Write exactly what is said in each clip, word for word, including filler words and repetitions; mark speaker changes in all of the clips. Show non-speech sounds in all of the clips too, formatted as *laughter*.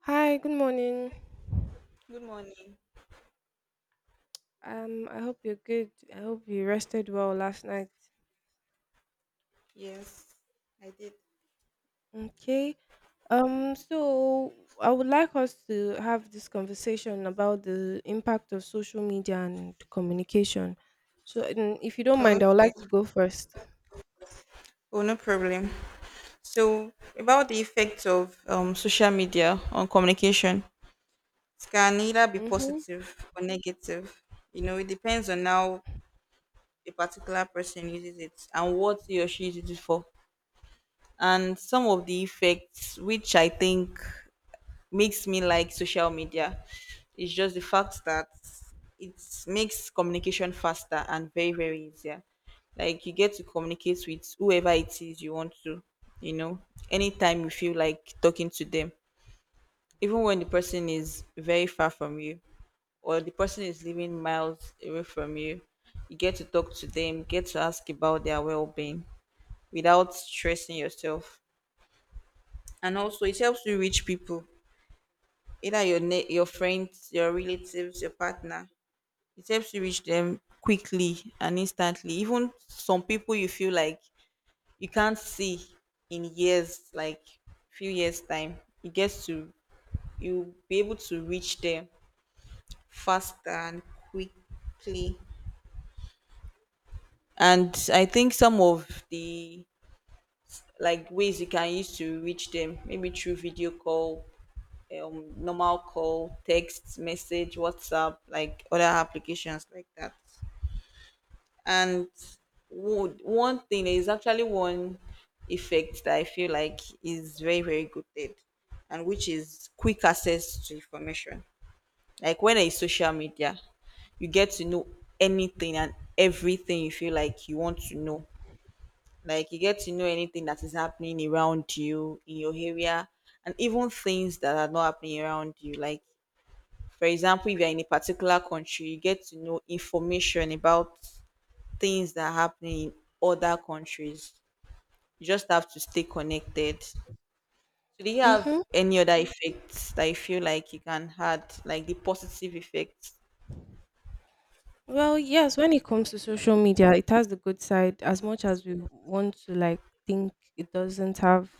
Speaker 1: Hi, good morning.
Speaker 2: Good morning.
Speaker 1: Um, I hope you're good. I hope you rested well last night.
Speaker 2: Yes, I did.
Speaker 1: Okay. Um, so I would like us to have this conversation about the impact of social media and communication. So, um, if you don't mind, I would
Speaker 2: Okay.
Speaker 1: like to go first.
Speaker 2: Oh, no problem. So, about the effects of um, social media on communication, it can either be
Speaker 1: Mm-hmm.
Speaker 2: positive or negative. You know, it depends on how a particular person uses it and what he or she uses it for. And some of the effects, which I think makes me like social media, it's just the fact that it makes communication faster and very very easier, like you get to communicate with whoever it is you want to, you know anytime you feel like talking to them, even when the person is very far from you or the person is living miles away from you. You get to talk to them, get to ask about their well-being without stressing yourself. And also it helps you reach people, either your ne- your friends, your relatives, your partner. It helps you reach them quickly and instantly. Even some people you feel like you can't see in years, like few years time, you get to you be able to reach them faster and quickly. And I think some of the like ways you can use to reach them, maybe through video call, um, normal call, text, message, WhatsApp, like other applications like that. And would one thing is actually one effect that I feel like is very, very good at, and which is quick access to information. Like when it's social media, you get to know anything and everything you feel like you want to know. Like you get to know anything that is happening around you in your area and even things that are not happening around you. Like for example, if you're in a particular country, you get to know information about things that are happening in other countries. You just have to stay connected. So, do you
Speaker 1: Mm-hmm.
Speaker 2: have any other effects that you feel like you can add, like the positive effects?
Speaker 1: Well, yes, when it comes to social media, it has the good side as much as we want to like think it doesn't have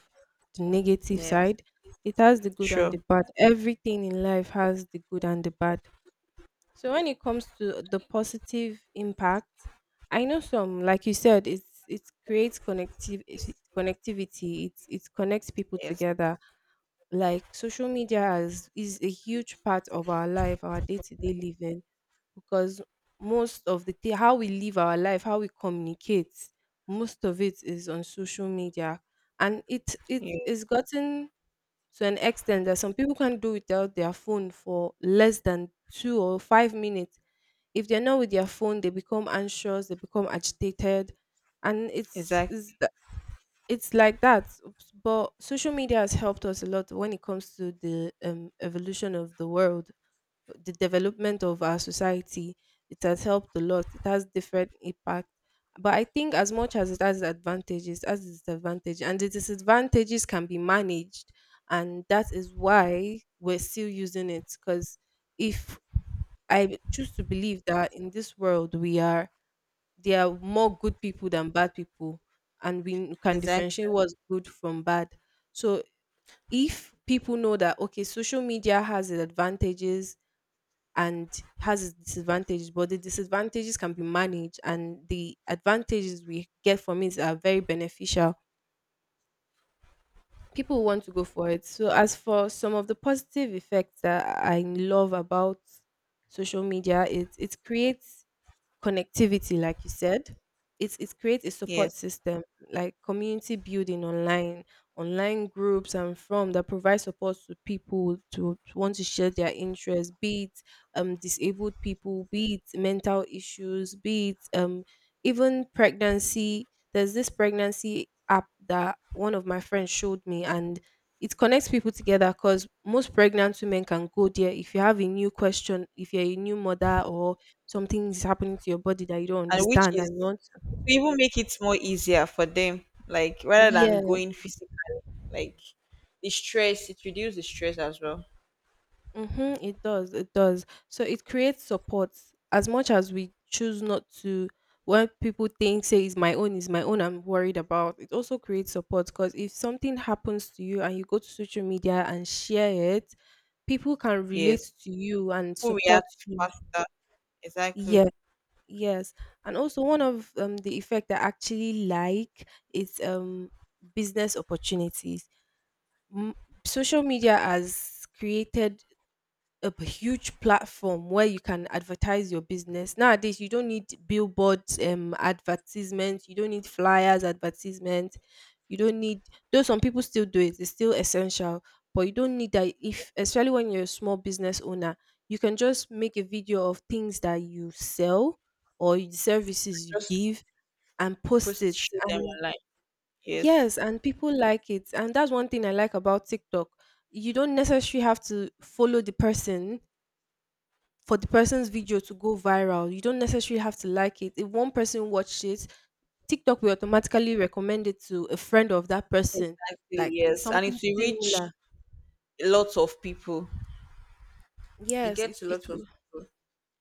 Speaker 1: the negative
Speaker 2: Yes,
Speaker 1: side. It has the good and
Speaker 2: sure.
Speaker 1: the bad. Everything in life has the good and the bad. So when it comes to the positive impact, I know some, like you said, it's it creates connective connectivity. It it connects people
Speaker 2: Yes,
Speaker 1: together like social media is is a huge part of our life, our day-to-day living, because most of the thi- how we live our life, how we communicate, most of it is on social media, and it it
Speaker 2: yeah,
Speaker 1: is gotten to an extent that some people can not do without their phone for less than two or five minutes. If they're not with their phone, they become anxious, they become agitated, and it's,
Speaker 2: exactly,
Speaker 1: it's it's like that. Oops. But social media has helped us a lot when it comes to the um, evolution of the world, the development of our society. It has helped a lot, it has different impact, but I think as much as it has advantages as disadvantage, and the disadvantages can be managed, and that is why we're still using it. Because if I choose to believe that in this world we are, there are more good people than bad people, and we can
Speaker 2: exactly.
Speaker 1: differentiate what's good from bad. So if people know that okay, social media has its advantages and has its disadvantages, but the disadvantages can be managed and the advantages we get from it are very beneficial, people want to go for it. So as for some of the positive effects that I love about social media, it it creates connectivity, like you said. It, it creates a support
Speaker 2: Yes,
Speaker 1: system like community building online, online groups, and from that provide support to people to want to share their interests, be it um, disabled people, be it mental issues, be it um, even pregnancy. There's this pregnancy app that one of my friends showed me, and it connects people together because most pregnant women can go there if you have a new question, if you're a new mother, or something is happening to your body that you don't
Speaker 2: and which
Speaker 1: understand
Speaker 2: is
Speaker 1: and you want
Speaker 2: to
Speaker 1: to.
Speaker 2: even make it more easier for them, like rather than
Speaker 1: Yeah.
Speaker 2: going physically, like the stress, it reduces the stress as well.
Speaker 1: Mm-hmm, it does. It does. So it creates support. As much as we choose not to, when people think, say, is my own, is my own, I'm worried about, it also creates support because if something happens to you and you go to social media and share it, people can
Speaker 2: Yes.
Speaker 1: relate to you and
Speaker 2: People
Speaker 1: support
Speaker 2: react
Speaker 1: you.
Speaker 2: faster.
Speaker 1: Yeah.
Speaker 2: Exactly.
Speaker 1: Yes. And also one of um, the effect I actually like is um business opportunities. m- Social media has created a p- huge platform where you can advertise your business. Nowadays you don't need billboards, um advertisements, you don't need flyers advertisements, you don't need, though some people still do it, it's still essential, but you don't need that. If, especially when you're a small business owner, you can just make a video of things that you sell or the services you
Speaker 2: Just
Speaker 1: give, and post
Speaker 2: post
Speaker 1: it.
Speaker 2: show them
Speaker 1: And
Speaker 2: online. Yes.
Speaker 1: yes, and people like it. And that's one thing I like about TikTok. You don't necessarily have to follow the person for the person's video to go viral. You don't necessarily have to like it. If one person watched it, TikTok will automatically recommend it to a friend of that person,
Speaker 2: Exactly.
Speaker 1: like
Speaker 2: Yes. And
Speaker 1: something
Speaker 2: if you
Speaker 1: similar.
Speaker 2: reach lots of people, you
Speaker 1: Yes,
Speaker 2: get
Speaker 1: it,
Speaker 2: to
Speaker 1: it
Speaker 2: lots of
Speaker 1: will.
Speaker 2: people,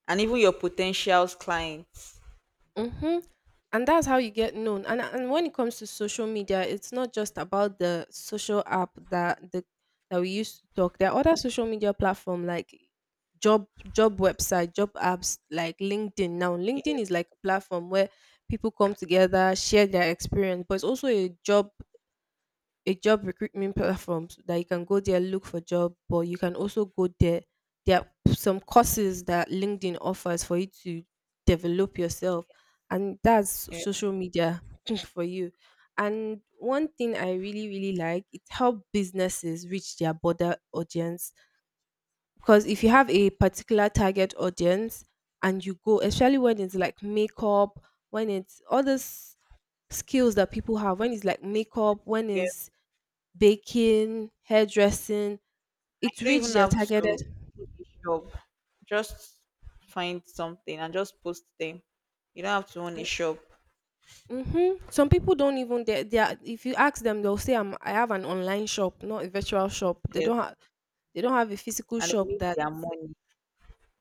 Speaker 2: and even your potential clients.
Speaker 1: Mm-hmm. And that's how you get known. And and when it comes to social media, it's not just about the social app that the, that we used to talk. There are other social media platform like job job website, job apps like LinkedIn. Now LinkedIn is
Speaker 2: Yes.
Speaker 1: like a platform where people come together, share their experience, but it's also a job, a job recruitment platforms that you can go there look for job, but you can also go there, there are some courses that LinkedIn offers for you to develop yourself. And that's
Speaker 2: Yes.
Speaker 1: social media *laughs* *clears throat* for you. And one thing I really really like, it helps businesses reach their broader audience, because if you have a particular target audience and you go, especially when it's like makeup, when it's all this skills that people have, when it's like
Speaker 2: Yes.
Speaker 1: makeup, when
Speaker 2: Yes.
Speaker 1: it's baking, hairdressing,
Speaker 2: And
Speaker 1: it
Speaker 2: you don't
Speaker 1: reached
Speaker 2: even
Speaker 1: their
Speaker 2: have
Speaker 1: targeted.
Speaker 2: to do a shop. Just find something and just post them. You don't have to own a shop.
Speaker 1: Hmm. Some people don't even, they, they are, if you ask them, they'll say I'm, I have an online shop, not a virtual shop. They
Speaker 2: Yes.
Speaker 1: don't have, they don't have a physical
Speaker 2: And they
Speaker 1: shop
Speaker 2: make
Speaker 1: that.
Speaker 2: their money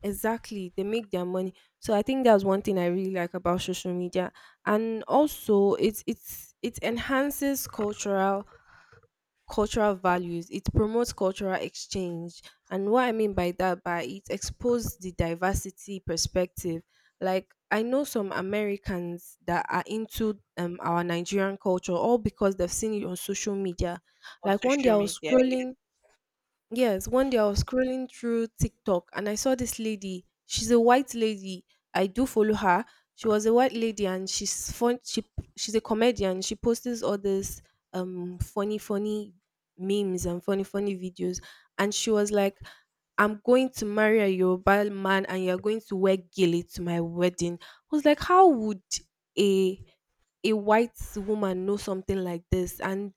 Speaker 1: Exactly. They make their money. So I think that's one thing I really like about social media. And also it's it's it enhances cultural cultural values. It promotes cultural exchange. And what I mean by that by it exposes the diversity perspective. Like I know some Americans that are into um our Nigerian culture all because they've seen it on social media.
Speaker 2: on
Speaker 1: Like one day
Speaker 2: social
Speaker 1: I
Speaker 2: media.
Speaker 1: was
Speaker 2: Yes.
Speaker 1: scrolling. Yes, one day I was scrolling through TikTok and I saw this lady. She's a white lady. I do follow her. She was a white lady, and she's fun. She she's a comedian. She posts all this um funny funny memes and funny funny videos. And she was like, "I'm going to marry a Yoruba man and you're going to wear gele to my wedding." I was like, "How would a a white woman know something like this?" And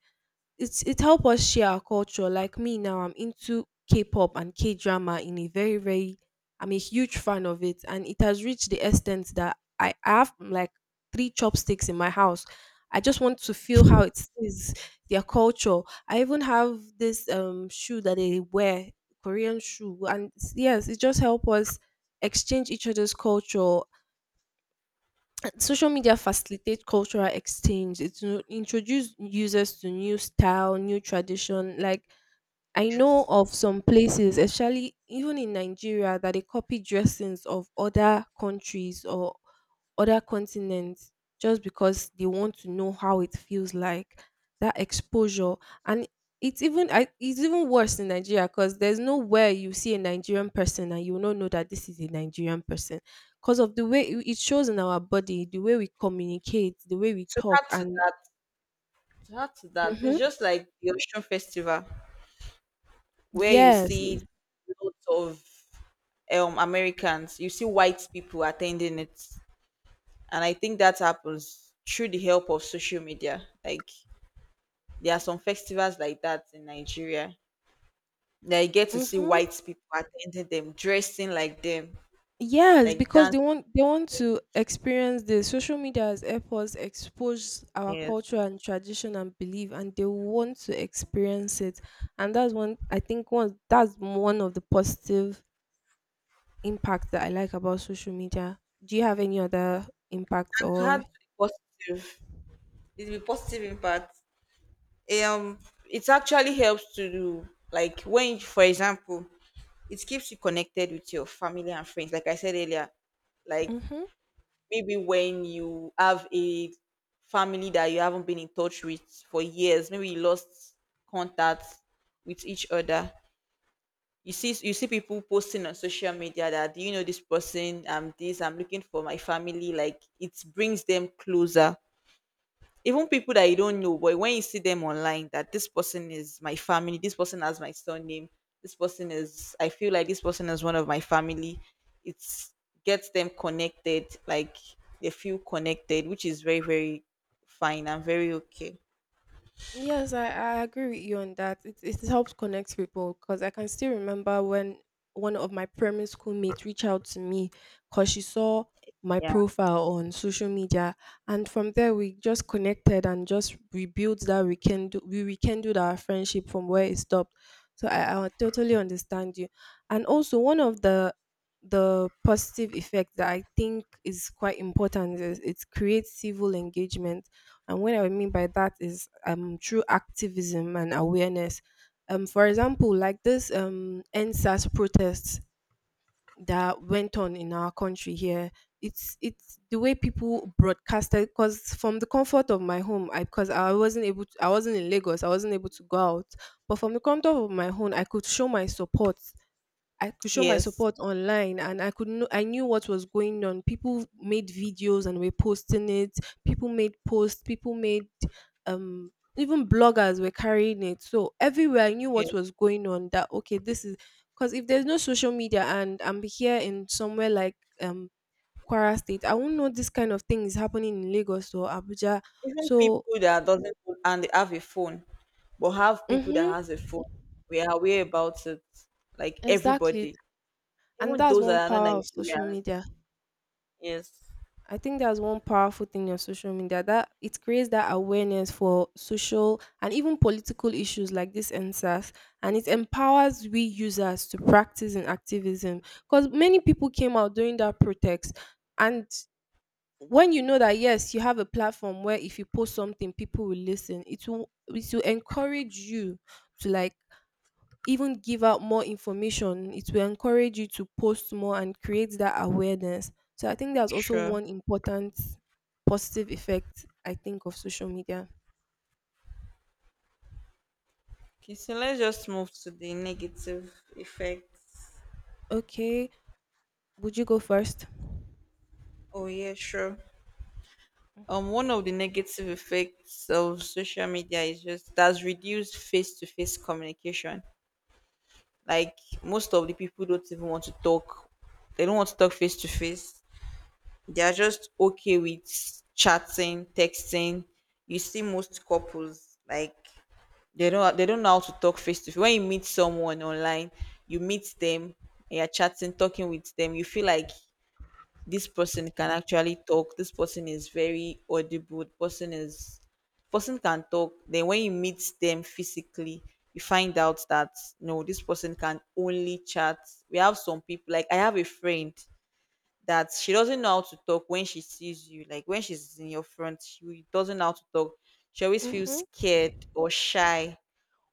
Speaker 1: it's it help us share our culture. Like me now, I'm into K-pop and K-drama in a very very. I'm a huge fan of it, and it has reached the extent that I have like three chopsticks in my house. I just want to feel how it is their culture. I even have this um shoe that they wear, Korean shoe, and it's- yes, it just help us exchange each other's culture. Social media facilitate cultural exchange. It to introduce users to new style, new tradition. Like I know of some places, especially even in Nigeria, that they copy dressings of other countries or other continents, just because they want to know how it feels like, that exposure. And it's even I, it's even worse in Nigeria, because there's nowhere you see a Nigerian person and you will not know that this is a Nigerian person, because of the way it it shows in our body, the way we communicate, the way we
Speaker 2: So
Speaker 1: talk,
Speaker 2: add to
Speaker 1: and
Speaker 2: that. That's that. It's
Speaker 1: Mhm.
Speaker 2: just like the Ocean Festival where you
Speaker 1: Yes,
Speaker 2: see lots of um Americans, you see white people attending it. And I think that happens through the help of social media. Like there are some festivals like that in Nigeria. That you get to see
Speaker 1: mm-hmm.
Speaker 2: white people attending them, dressing like them,
Speaker 1: Yes,
Speaker 2: like
Speaker 1: because
Speaker 2: dancing.
Speaker 1: they want they want to experience this. Social media has helped us expose our
Speaker 2: Yes.
Speaker 1: culture and tradition and belief, and they want to experience it. And that's one, I think one, that's one of the positive impacts that I like about social media. Do you have any other impact
Speaker 2: To have
Speaker 1: or?
Speaker 2: positive. It will be positive impact. Um it actually helps to do, like when for example it keeps you connected with your family and friends. Like I said earlier, like
Speaker 1: Mhm.
Speaker 2: maybe when you have a family that you haven't been in touch with for years, maybe you lost contact with each other. You see, you see people posting on social media that "Do you know this person? I'm this, I'm looking for my family." Like it brings them closer, even people that you don't know, but when you see them online, that this person is my family, this person has my surname, this person is, I feel like this person is one of my family. It gets them connected, like they feel connected, which is very, very fine and very okay.
Speaker 1: Yes, I, I agree with you on that. It, it helps connect people because I can still remember when one of my primary school mates reached out to me because she saw my
Speaker 2: Yeah.
Speaker 1: profile on social media. And from there, we just connected and just rebuilt that we can do, we rekindled our friendship from where it stopped. So I, I totally understand you. And also, one of the the positive effect that I think is quite important is it creates civil engagement. And what I mean by that is um through activism and awareness. Um, for example, like this um N S A S protests that went on in our country here. It's it's the way people broadcasted. Because from the comfort of my home, I because I wasn't able to, I wasn't in Lagos, I wasn't able to go out. But from the comfort of my home, I could show my support, I could show my
Speaker 2: Yes,
Speaker 1: support online, and I could know I knew what was going on. People made videos and were posting it. People made posts, people made um even bloggers were carrying it. So everywhere I knew what
Speaker 2: yes.
Speaker 1: was going on, that okay, this is, because if there's no social media and I'm here in somewhere like um Kwara State, I won't know this kind of thing is happening in Lagos or Abuja.
Speaker 2: Even
Speaker 1: So
Speaker 2: people that doesn't and they have a phone, but have people that
Speaker 1: mm-hmm,
Speaker 2: has a phone, we are aware about it. Like
Speaker 1: exactly.
Speaker 2: everybody,
Speaker 1: And
Speaker 2: even
Speaker 1: that's
Speaker 2: those
Speaker 1: one
Speaker 2: that are not
Speaker 1: power of social
Speaker 2: Nigerians.
Speaker 1: media.
Speaker 2: Yes,
Speaker 1: I think that's one powerful thing on social media, that it creates that awareness for social and even political issues like this and N S A S, and it empowers we users to practice in activism, because many people came out during that protest. And when you know that yes, you have a platform where if you post something people will listen, it will it will encourage you to like even give out more information. It will encourage you to post more and create that awareness. So I think that's also
Speaker 2: sure.
Speaker 1: one important positive effect I think of social media.
Speaker 2: Okay, so let's just move to the negative effects.
Speaker 1: Okay, would you go first?
Speaker 2: Oh yeah, sure. Um, one of the negative effects of social media is just that's reduced face-to-face communication. Like most of the people don't even want to talk. They don't want to talk face to face. They are just okay with chatting, texting. You see most couples like they don't they don't know how to talk face to face. When you meet someone online, you meet them, and you're chatting, talking with them. You feel like this person can actually talk, this person is very audible, person is person can talk. Then when you meet them physically, you find out that no, this person can only chat. We have some people like, I have a friend that she doesn't know how to talk when she sees you, like when she's in your front she doesn't know how to talk. She always feels
Speaker 1: Mm-hmm.
Speaker 2: scared or shy,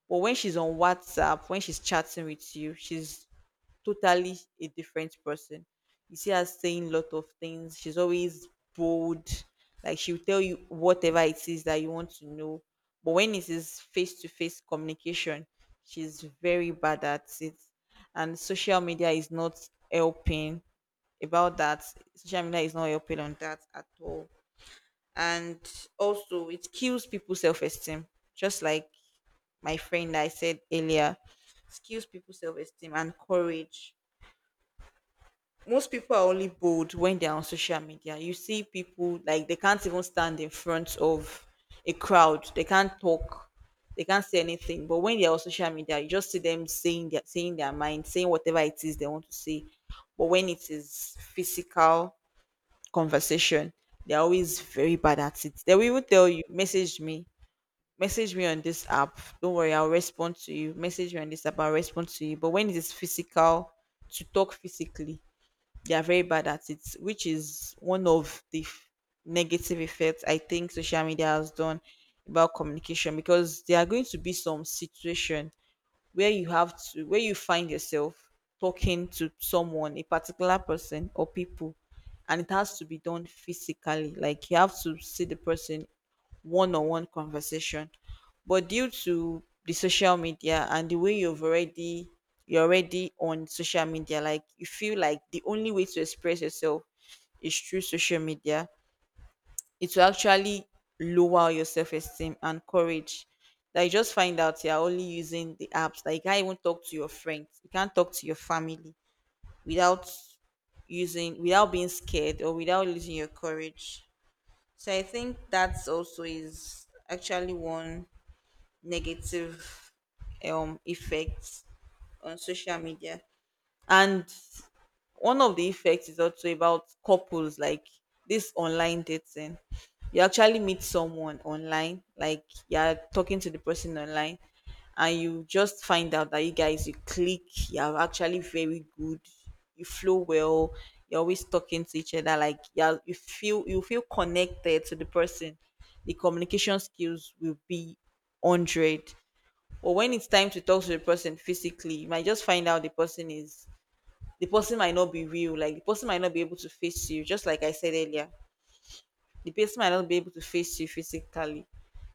Speaker 2: but when she's on WhatsApp, when she's chatting with you, she's totally a different person. You see her saying lot of things. She's always bold. Like she'll tell you whatever it is that you want to know. But when it is face to face communication, she's very bad at it. And social media is not helping about that. Social media is not helping on that at all. And also it kills people's self esteem. Just like my friend I said earlier, it kills people's self esteem and courage. Most people are only bold when they're on social media. You see people like they can't even stand in front of a crowd. They can't talk. They can't say anything. But when they're on social media, you just see them saying their saying their mind, saying whatever it is they want to say. But when it is physical conversation, they're always very bad at it. They will even tell you, message me. Message me on this app. Don't worry, I'll respond to you. Message me on this app, I'll respond to you. But when it is physical, to talk physically, they are very bad at it, which is one of the f- negative effects I think social media has done about communication, because there are going to be some situation where you have to where you find yourself talking to someone, a particular person or people, and it has to be done physically. Like you have to see the person, one-on-one conversation, but due to the social media and the way you've already you're already on social media, like you feel like the only way to express yourself is through social media, it will actually lower your self-esteem and courage. Like you just find out you're only using the apps, like you can't even talk to your friends, you can't talk to your family without using without being scared or without losing your courage. So I think that's also is actually one negative um effect on social media. And one of the effects is also about couples, like this online dating. You actually meet someone online, like you're talking to the person online, and you just find out that you guys you click, you're actually very good, you flow well, you're always talking to each other, like you you feel you feel connected to the person. The communication skills will be hundred. But when it's time to talk to the person physically, you might just find out the person is the person might not be real, like the person might not be able to face you, just like I said earlier, the person might not be able to face you physically.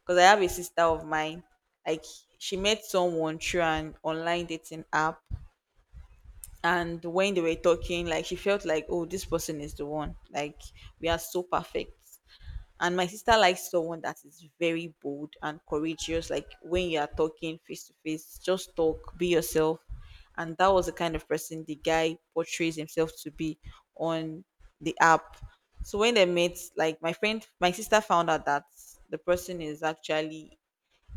Speaker 2: Because I have a sister of mine, like she met someone through an online dating app. And when they were talking, like she felt like oh, this person is the one, like we are so perfect. And my sister likes someone that is very bold and courageous. Like when you are talking face to face, just talk, be yourself. And that was the kind of person the guy portrays himself to be on the app. So when they met, like my friend, my sister found out that the person is actually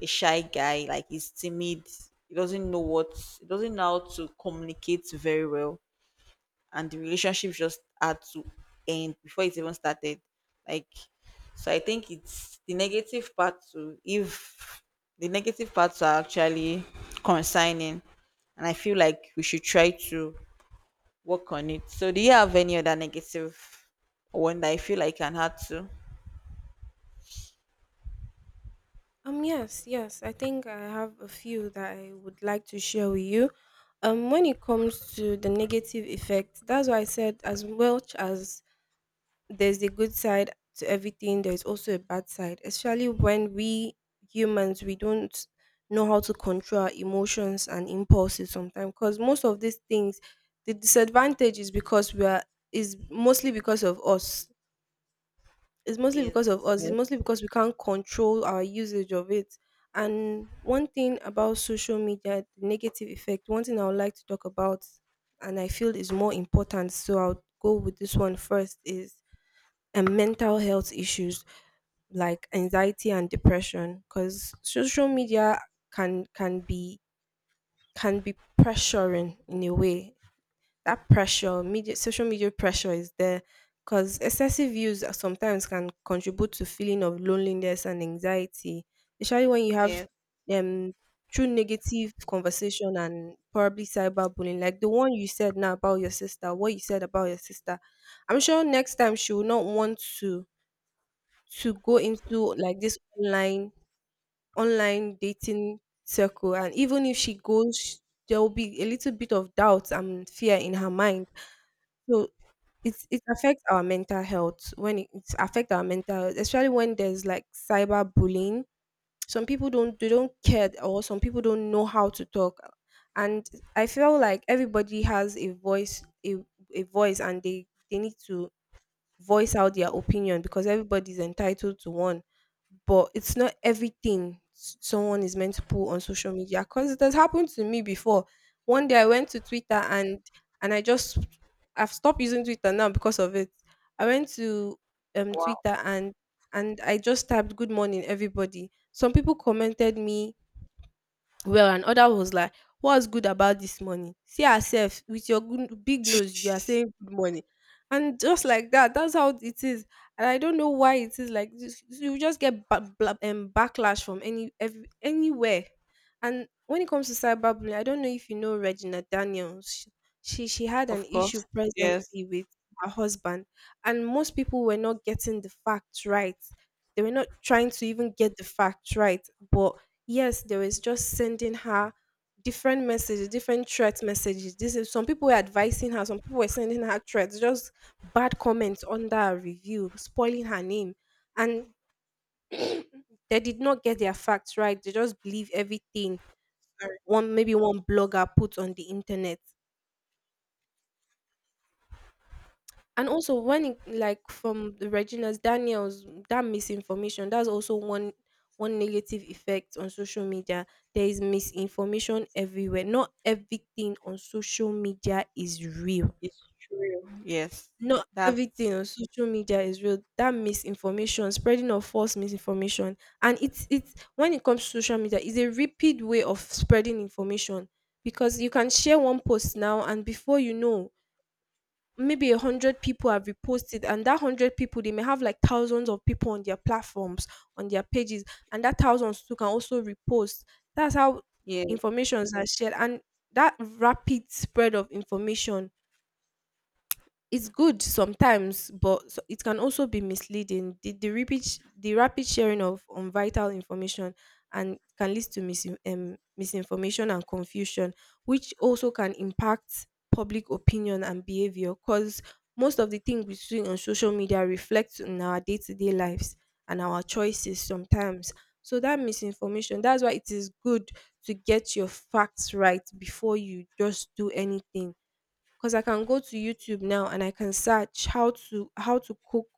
Speaker 2: a shy guy, like he's timid. He doesn't know what, he doesn't know how to communicate very well, and the relationship just had to end before it even started. Like, so I think it's the negative part to if the negative parts are actually concerning, and I feel like we should try to work on it. So, do you have any other negative one that I feel I can add to?
Speaker 1: Um. Yes. Yes. I think I have a few that I would like to share with you. Um. When it comes to the negative effect, that's why I said, as much as there's a good side to everything, there's also a bad side, especially when we humans we don't know how to control our emotions and impulses sometimes, because most of these things, the disadvantage is because we are is mostly because of us it's mostly because of us it's
Speaker 2: Yes.
Speaker 1: mostly because we can't control our usage of it. And one thing about social media, the negative effect, one thing I would like to talk about and I feel is more important, so I'll go with this one first, is and mental health issues like anxiety and depression, because social media can can be can be pressuring in a way. That pressure media social media pressure is there because excessive use sometimes can contribute to feeling of loneliness and anxiety, especially when you have
Speaker 2: Yes.
Speaker 1: um true negative conversation and probably cyberbullying, like the one you said now about your sister, what you said about your sister. I'm sure next time she will not want to to go into like this online online dating circle, and even if she goes, there will be a little bit of doubt and fear in her mind. So it's it affects our mental health. When it, it affects our mental health, especially when there's like cyber bullying, some people don't they don't care, or some people don't know how to talk. And I feel like everybody has a voice a, a voice, and they they need to voice out their opinion, because everybody's entitled to one. But it's not everything s- someone is meant to put on social media, because it has happened to me before. One day I went to Twitter, and and I just, i've stopped using Twitter now because of it. I went to um
Speaker 2: Wow.
Speaker 1: Twitter, and and I just typed, "Good morning, everybody." Some people commented me well, and other was like, "What's good about this morning? See yourself with your good, big nose, you are saying good morning." And just like that, that's how it is. And I don't know why it is like this, you just get ba- bla- um, backlash from any every, anywhere. And when it comes to cyberbullying, I don't know if you know Regina Daniels. She, she she had an
Speaker 2: Of
Speaker 1: issue
Speaker 2: course. Yes.
Speaker 1: presently with her husband, and most people were not getting the facts right, they were not trying to even get the facts right. But yes, they was just sending her different messages, different threat messages. This is Some people were advising her, some people were sending her threats, just bad comments under her review, spoiling her name. And they did not get their facts right. They just believe everything
Speaker 2: Sorry.
Speaker 1: one maybe one blogger put on the internet. And also, when it like from the Regina's Daniel's, that misinformation, that's also one one negative effect on social media. There is misinformation everywhere. Not everything on social media is real.
Speaker 2: It's true. Yes.
Speaker 1: Not
Speaker 2: That's
Speaker 1: everything on social media is real. That misinformation, spreading of false misinformation. And it's it's when it comes to social media, it's a rapid way of spreading information, because you can share one post now, and before you know, maybe a hundred people have reposted, and that hundred people, they may have like thousands of people on their platforms, on their pages, and that thousands too can also repost. That's how
Speaker 2: yes.
Speaker 1: informations are shared. And that rapid spread of information, it's good sometimes, but so- it can also be misleading. The, the, rapid, sh- the rapid sharing of um, vital information and can lead to mis- um, misinformation and confusion, which also can impact public opinion and behavior, because most of the things we see on social media reflects on our day-to-day lives and our choices sometimes. So that misinformation, that's why it is good to get your facts right before you just do anything. 'Cause I can go to YouTube now and I can search how to, how to cook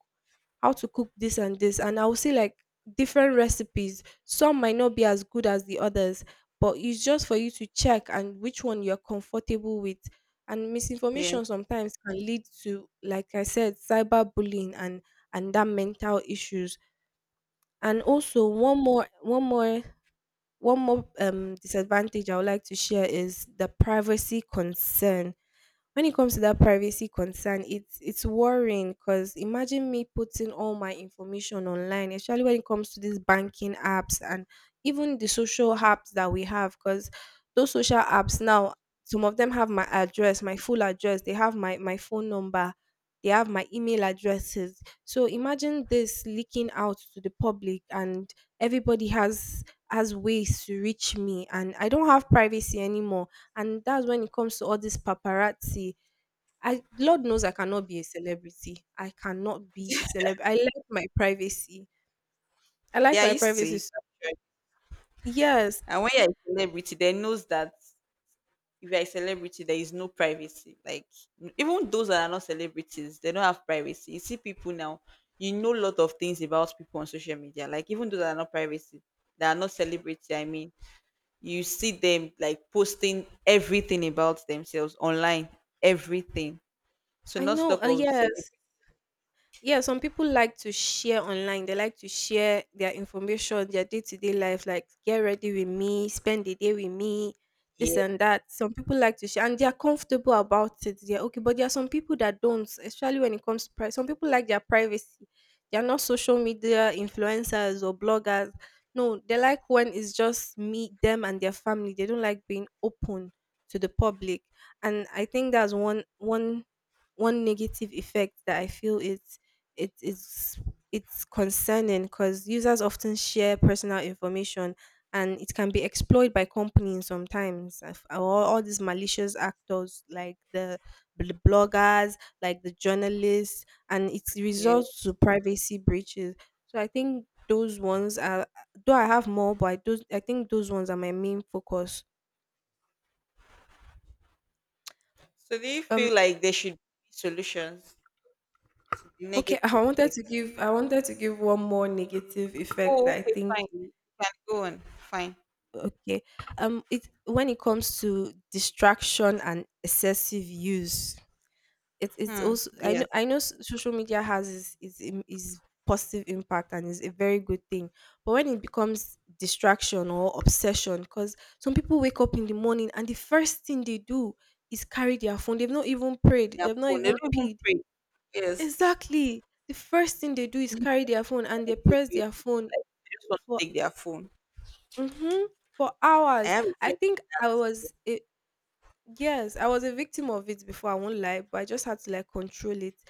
Speaker 1: how to cook this and this, and I will see, like, different recipes. Some might not be as good as the others, but it's just for you to check and which one you're comfortable with. And
Speaker 2: Yes.
Speaker 1: misinformation sometimes can lead to, like I said, cyberbullying and and that mental issues. And also, one more one more one more, um, disadvantage I would like to share is the privacy concern. When it comes to that privacy concern, it's it's worrying, because imagine me putting all my information online, especially when it comes to these banking apps and even the social apps that we have. Because those social apps now, some of them have my address, my full address, they have my, my phone number, they have my email addresses. So imagine this leaking out to the public, and everybody has has ways to reach me, and I don't have privacy anymore. And that's when it comes to all this paparazzi. I Lord knows I cannot be a celebrity. I cannot be a celeb. I like my privacy. I
Speaker 2: They
Speaker 1: like
Speaker 2: are
Speaker 1: my
Speaker 2: used to
Speaker 1: privacy.
Speaker 2: it,
Speaker 1: s-
Speaker 2: actually.
Speaker 1: Yes,
Speaker 2: And when you're a celebrity, they knows that if you're a celebrity, there is no privacy. Like n- even those that are not celebrities, they don't have privacy. You see people now, you know a lot of things about people on social media. Like even those that are not privacy, that are not celebrity, I mean, you see them like posting everything about themselves online. Everything. So
Speaker 1: I
Speaker 2: not
Speaker 1: know.
Speaker 2: stock
Speaker 1: uh,
Speaker 2: of celebrity.
Speaker 1: yes, Yeah, some people like to share online. They like to share their information, their day to day life, like, get ready with me, spend the day with me, this
Speaker 2: Yeah.
Speaker 1: and that. Some people like to share and they are comfortable about it. They're okay. But there are some people that don't, especially when it comes to pri- some people like their privacy. They are not social media influencers or bloggers. No, they like when it's just me, them, and their family. They don't like being open to the public. And I think that's one one one negative effect that I feel is it is it's concerning, because users often share personal information, and it can be exploited by companies sometimes. If- all, all these malicious actors, like the bl- bloggers, like the journalists, and it
Speaker 2: Yeah.
Speaker 1: results to privacy breaches. So I think those ones are, though I have more, but i, those, I think those ones are my main focus.
Speaker 2: So do you
Speaker 1: um
Speaker 2: feel like there should be solutions to the
Speaker 1: okay, *laughs*
Speaker 2: negative
Speaker 1: i wanted
Speaker 2: effect?
Speaker 1: to give I wanted to give one more negative effect
Speaker 2: Oh,
Speaker 1: that I
Speaker 2: okay,
Speaker 1: think.
Speaker 2: fine. You can go on. Fine.
Speaker 1: Okay. Um, it When it comes to distraction and excessive use, it, it's
Speaker 2: Hmm.
Speaker 1: also, I know
Speaker 2: Yes.
Speaker 1: I know, s- social media has its, its im- its positive impact and is a very good thing, but when it becomes distraction or obsession. Because some people wake up in the morning and the first thing they do is carry their phone. They've not even prayed.
Speaker 2: Their
Speaker 1: They've not
Speaker 2: phone. They
Speaker 1: even
Speaker 2: don't even
Speaker 1: peed.
Speaker 2: pray. Yes.
Speaker 1: Exactly. The first thing they do
Speaker 2: *laughs*
Speaker 1: is carry their phone and they
Speaker 2: Everybody is
Speaker 1: press
Speaker 2: going to
Speaker 1: their
Speaker 2: be
Speaker 1: phone
Speaker 2: like, they just want
Speaker 1: for,
Speaker 2: to take their phone.
Speaker 1: mm-hmm, for
Speaker 2: I
Speaker 1: hours.
Speaker 2: have a
Speaker 1: I
Speaker 2: friend
Speaker 1: think
Speaker 2: like
Speaker 1: I
Speaker 2: that.
Speaker 1: was a, yes, I was a victim of it before, I won't lie, but I just had to like control it.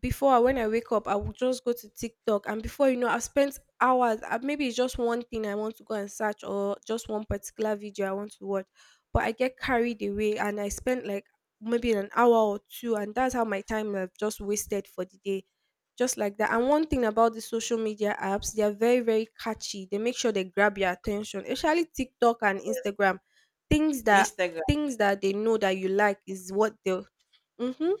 Speaker 1: Before, when I wake up, I will just go to TikTok, and before you know, I've spent hours. uh, Maybe it's just one thing I want to go and search, or just one particular video I want to watch, but I get carried away, and I spend like maybe an hour or two, and that's how my time I've just wasted for the day, just like that. And one thing about the social media apps, they are very, very catchy. They make sure they grab your attention, especially TikTok and
Speaker 2: Yes.
Speaker 1: Instagram. Things
Speaker 2: On
Speaker 1: that
Speaker 2: Instagram.
Speaker 1: Things that they know that you like is what they'll. Mhm.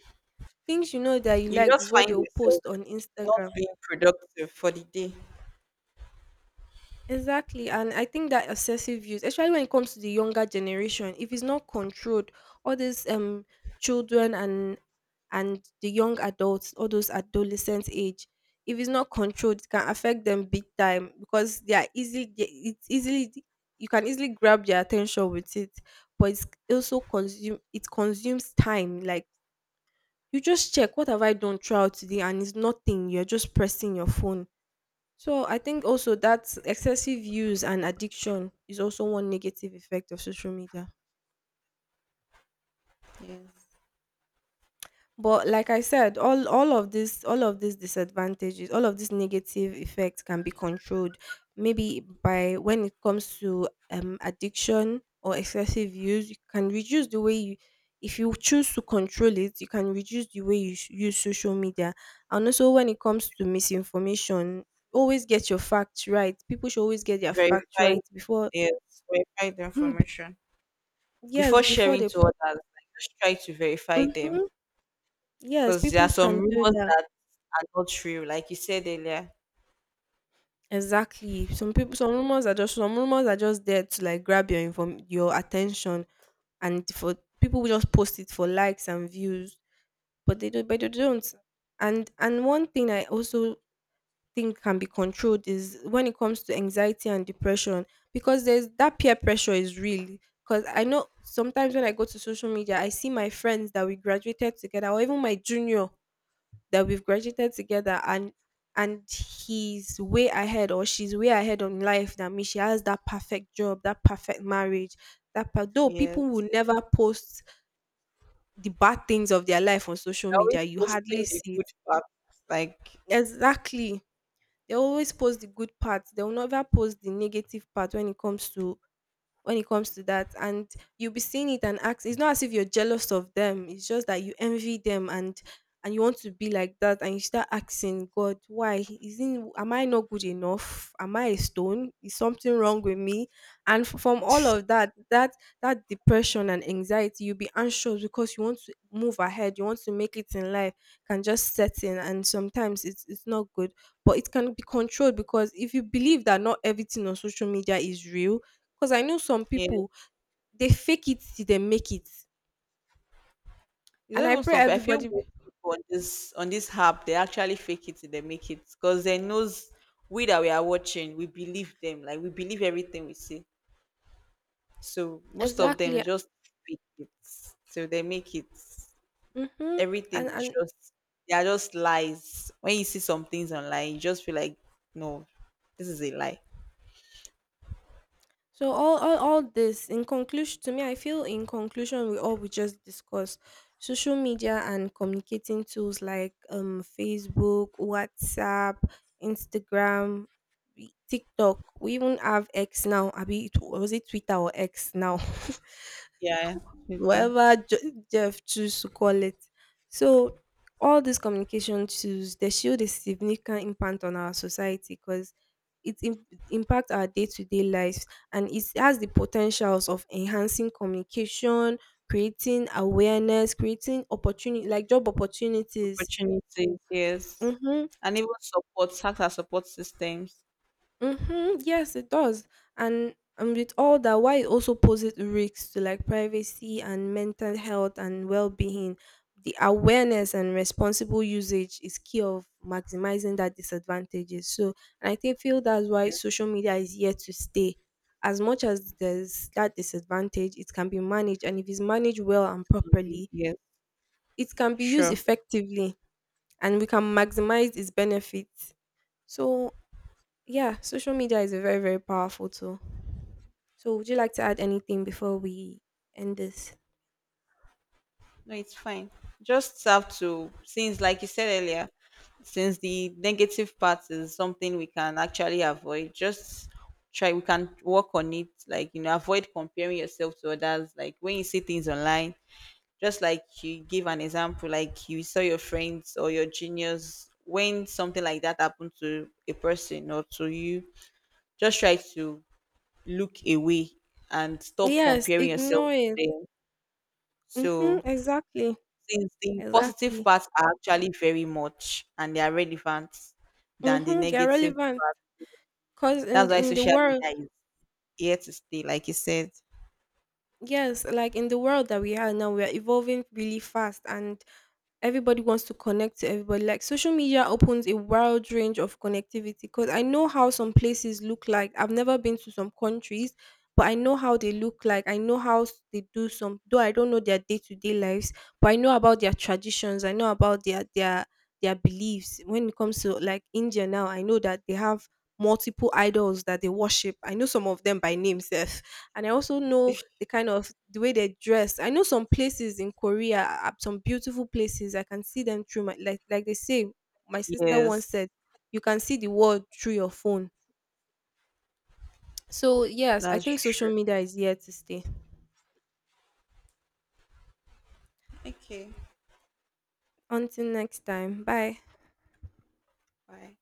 Speaker 1: Things you know that you
Speaker 2: You
Speaker 1: liked
Speaker 2: just
Speaker 1: is what
Speaker 2: find
Speaker 1: they will
Speaker 2: yourself
Speaker 1: post on
Speaker 2: not
Speaker 1: Instagram.
Speaker 2: being productive for the day.
Speaker 1: Exactly. And I think that excessive use, especially when it comes to the younger generation, if it's not controlled, all these um children and and the young adults, all those adolescent age, if it's not controlled, it can affect them big time, because they are easily they- it's easily you can easily grab their attention with it. But it's also consume it consumes time. Like, you just check, what have I done throughout today, and it's nothing. You're just pressing your phone. So I think also that excessive use and addiction is also one negative effect of social media.
Speaker 2: Yes.
Speaker 1: But like I said, all all of this all of these disadvantages, all of these negative effects can be controlled. Maybe by, when it comes to um addiction or excessive use, you can reduce the way you, if you choose to control it, you can reduce the way you s- use social media. And also, when it comes to misinformation, always get your facts right. People should always get their facts
Speaker 2: Verify.
Speaker 1: right before.
Speaker 2: Yes.
Speaker 1: *clears throat*
Speaker 2: Verify the
Speaker 1: Mm,
Speaker 2: information.
Speaker 1: Yes,
Speaker 2: Before
Speaker 1: before
Speaker 2: sharing
Speaker 1: they
Speaker 2: to
Speaker 1: post.
Speaker 2: others, like, just try to verify them.
Speaker 1: hmm Yes,
Speaker 2: Because there
Speaker 1: people
Speaker 2: are some
Speaker 1: can do
Speaker 2: rumors
Speaker 1: that.
Speaker 2: that are not true. Like you said earlier.
Speaker 1: Exactly. Some people, some rumors are just some rumors are just there to like grab your inform your attention, and for people will just post it for likes and views, but they don't. But they don't. And and one thing I also think can be controlled is when it comes to anxiety and depression, because there's that peer pressure is real. Because I know sometimes when I go to social media, I see my friends that we graduated together, or even my junior that we've graduated together and and he's way ahead or she's way ahead on life than me. She has that perfect job, that perfect marriage. That per- though people
Speaker 2: Yes.
Speaker 1: will never post the bad things of their life on social
Speaker 2: They're always
Speaker 1: media, you hardly
Speaker 2: posting the
Speaker 1: see
Speaker 2: good
Speaker 1: it.
Speaker 2: parts. Like,
Speaker 1: Exactly. They always post the good parts. They will never post the negative part when it comes to when it comes to that, and you'll be seeing it and ask, it's not as if you're jealous of them, it's just that you envy them, and and you want to be like that, and you start asking God, why isn't, am I not good enough, am I a stone, is something wrong with me, and f- from all of that that that depression and anxiety, you'll be anxious because you want to move ahead, you want to make it in life, can just set in, and sometimes it's, it's not good, but it can be controlled because if you believe that not everything on social media is real. 'Cause I know some
Speaker 2: yeah.
Speaker 1: people, they fake it till they make it.
Speaker 2: It's
Speaker 1: And
Speaker 2: not
Speaker 1: I
Speaker 2: even
Speaker 1: pray
Speaker 2: some. I feel
Speaker 1: everybody.
Speaker 2: most people on this on this app they actually fake it till they make it, because they knows we that we are watching, we believe them, like we believe everything we see. So most of them
Speaker 1: Exactly.
Speaker 2: they just fake it so they make it.
Speaker 1: Mhm.
Speaker 2: Everything
Speaker 1: And
Speaker 2: is
Speaker 1: and
Speaker 2: just they are just lies. When you see some things online, you just feel like no, this is a lie.
Speaker 1: so all all all this in conclusion to me, I feel in conclusion we all we just discussed, social media and communicating tools like, um, Facebook, WhatsApp, Instagram, we TikTok, we even have X now, abi it was it Twitter or X now? *laughs*
Speaker 2: Yeah, with the
Speaker 1: Whatever Je- Jeff choose to call it. So all these communication tools they shield a significant impact on our society because it im- impact our day-to-day lives, and it has the potentials of enhancing communication, creating awareness, creating opportunity like job opportunities.
Speaker 2: opportunities, yes,
Speaker 1: Mhm.
Speaker 2: and even support, tax and support systems,
Speaker 1: Mm-hmm. Yes, it does. And and with all that, why it also poses risks to like privacy and mental health and well-being. The awareness and responsible usage is key of maximizing that disadvantages. So, and I think feel that's why
Speaker 2: yes,
Speaker 1: social media is here to stay. As much as there's that disadvantage, it can be managed, and if it's managed well and
Speaker 2: can be,
Speaker 1: properly,
Speaker 2: yes,
Speaker 1: it can be used
Speaker 2: sure.
Speaker 1: effectively, and we can maximize its benefits. So yeah, social media is a very, very powerful tool. So, would you like to add anything before we end this?
Speaker 2: No, it's fine. Just have to, since, like you said earlier, since the negative part is something we can actually avoid, just try, we can work on it. Like, you know, avoid comparing yourself to others. Like, when you see things online, just like you give an example, like you saw your friends or your juniors, when something like that happened to a person or to you, just try to look away and stop
Speaker 1: Yes,
Speaker 2: comparing yourself
Speaker 1: ignore it.
Speaker 2: to them.
Speaker 1: Mm-hmm,
Speaker 2: So,
Speaker 1: exactly,
Speaker 2: since the positive
Speaker 1: exactly.
Speaker 2: parts are actually very much and they are relevant than the
Speaker 1: Mm-hmm, they're
Speaker 2: negative.
Speaker 1: relevant because
Speaker 2: That's
Speaker 1: in
Speaker 2: why
Speaker 1: in the
Speaker 2: social
Speaker 1: world,
Speaker 2: media is here to stay, like you said.
Speaker 1: yes, like in the world that we are now, we are evolving really fast, and everybody wants to connect to everybody, like social media opens a wide range of connectivity, because I know how some places look like, I've never been to some countries, but I know how they look like, I know how s- they do some, though I don't know their day-to-day lives, but I know about their traditions, I know about their their their beliefs. When it comes to like India now, I know that they have multiple idols that they worship, I know some of them by name sef, and I also know the kind of the way they dress. I know some places in Korea, uh, some beautiful places. I can see them through my like like they say. My sister once
Speaker 2: Yes,
Speaker 1: said, "You can see the world through your phone." So yes, I
Speaker 2: that's
Speaker 1: think social
Speaker 2: true.
Speaker 1: media is here to stay.
Speaker 2: Okay,
Speaker 1: Until next time, bye.
Speaker 2: bye.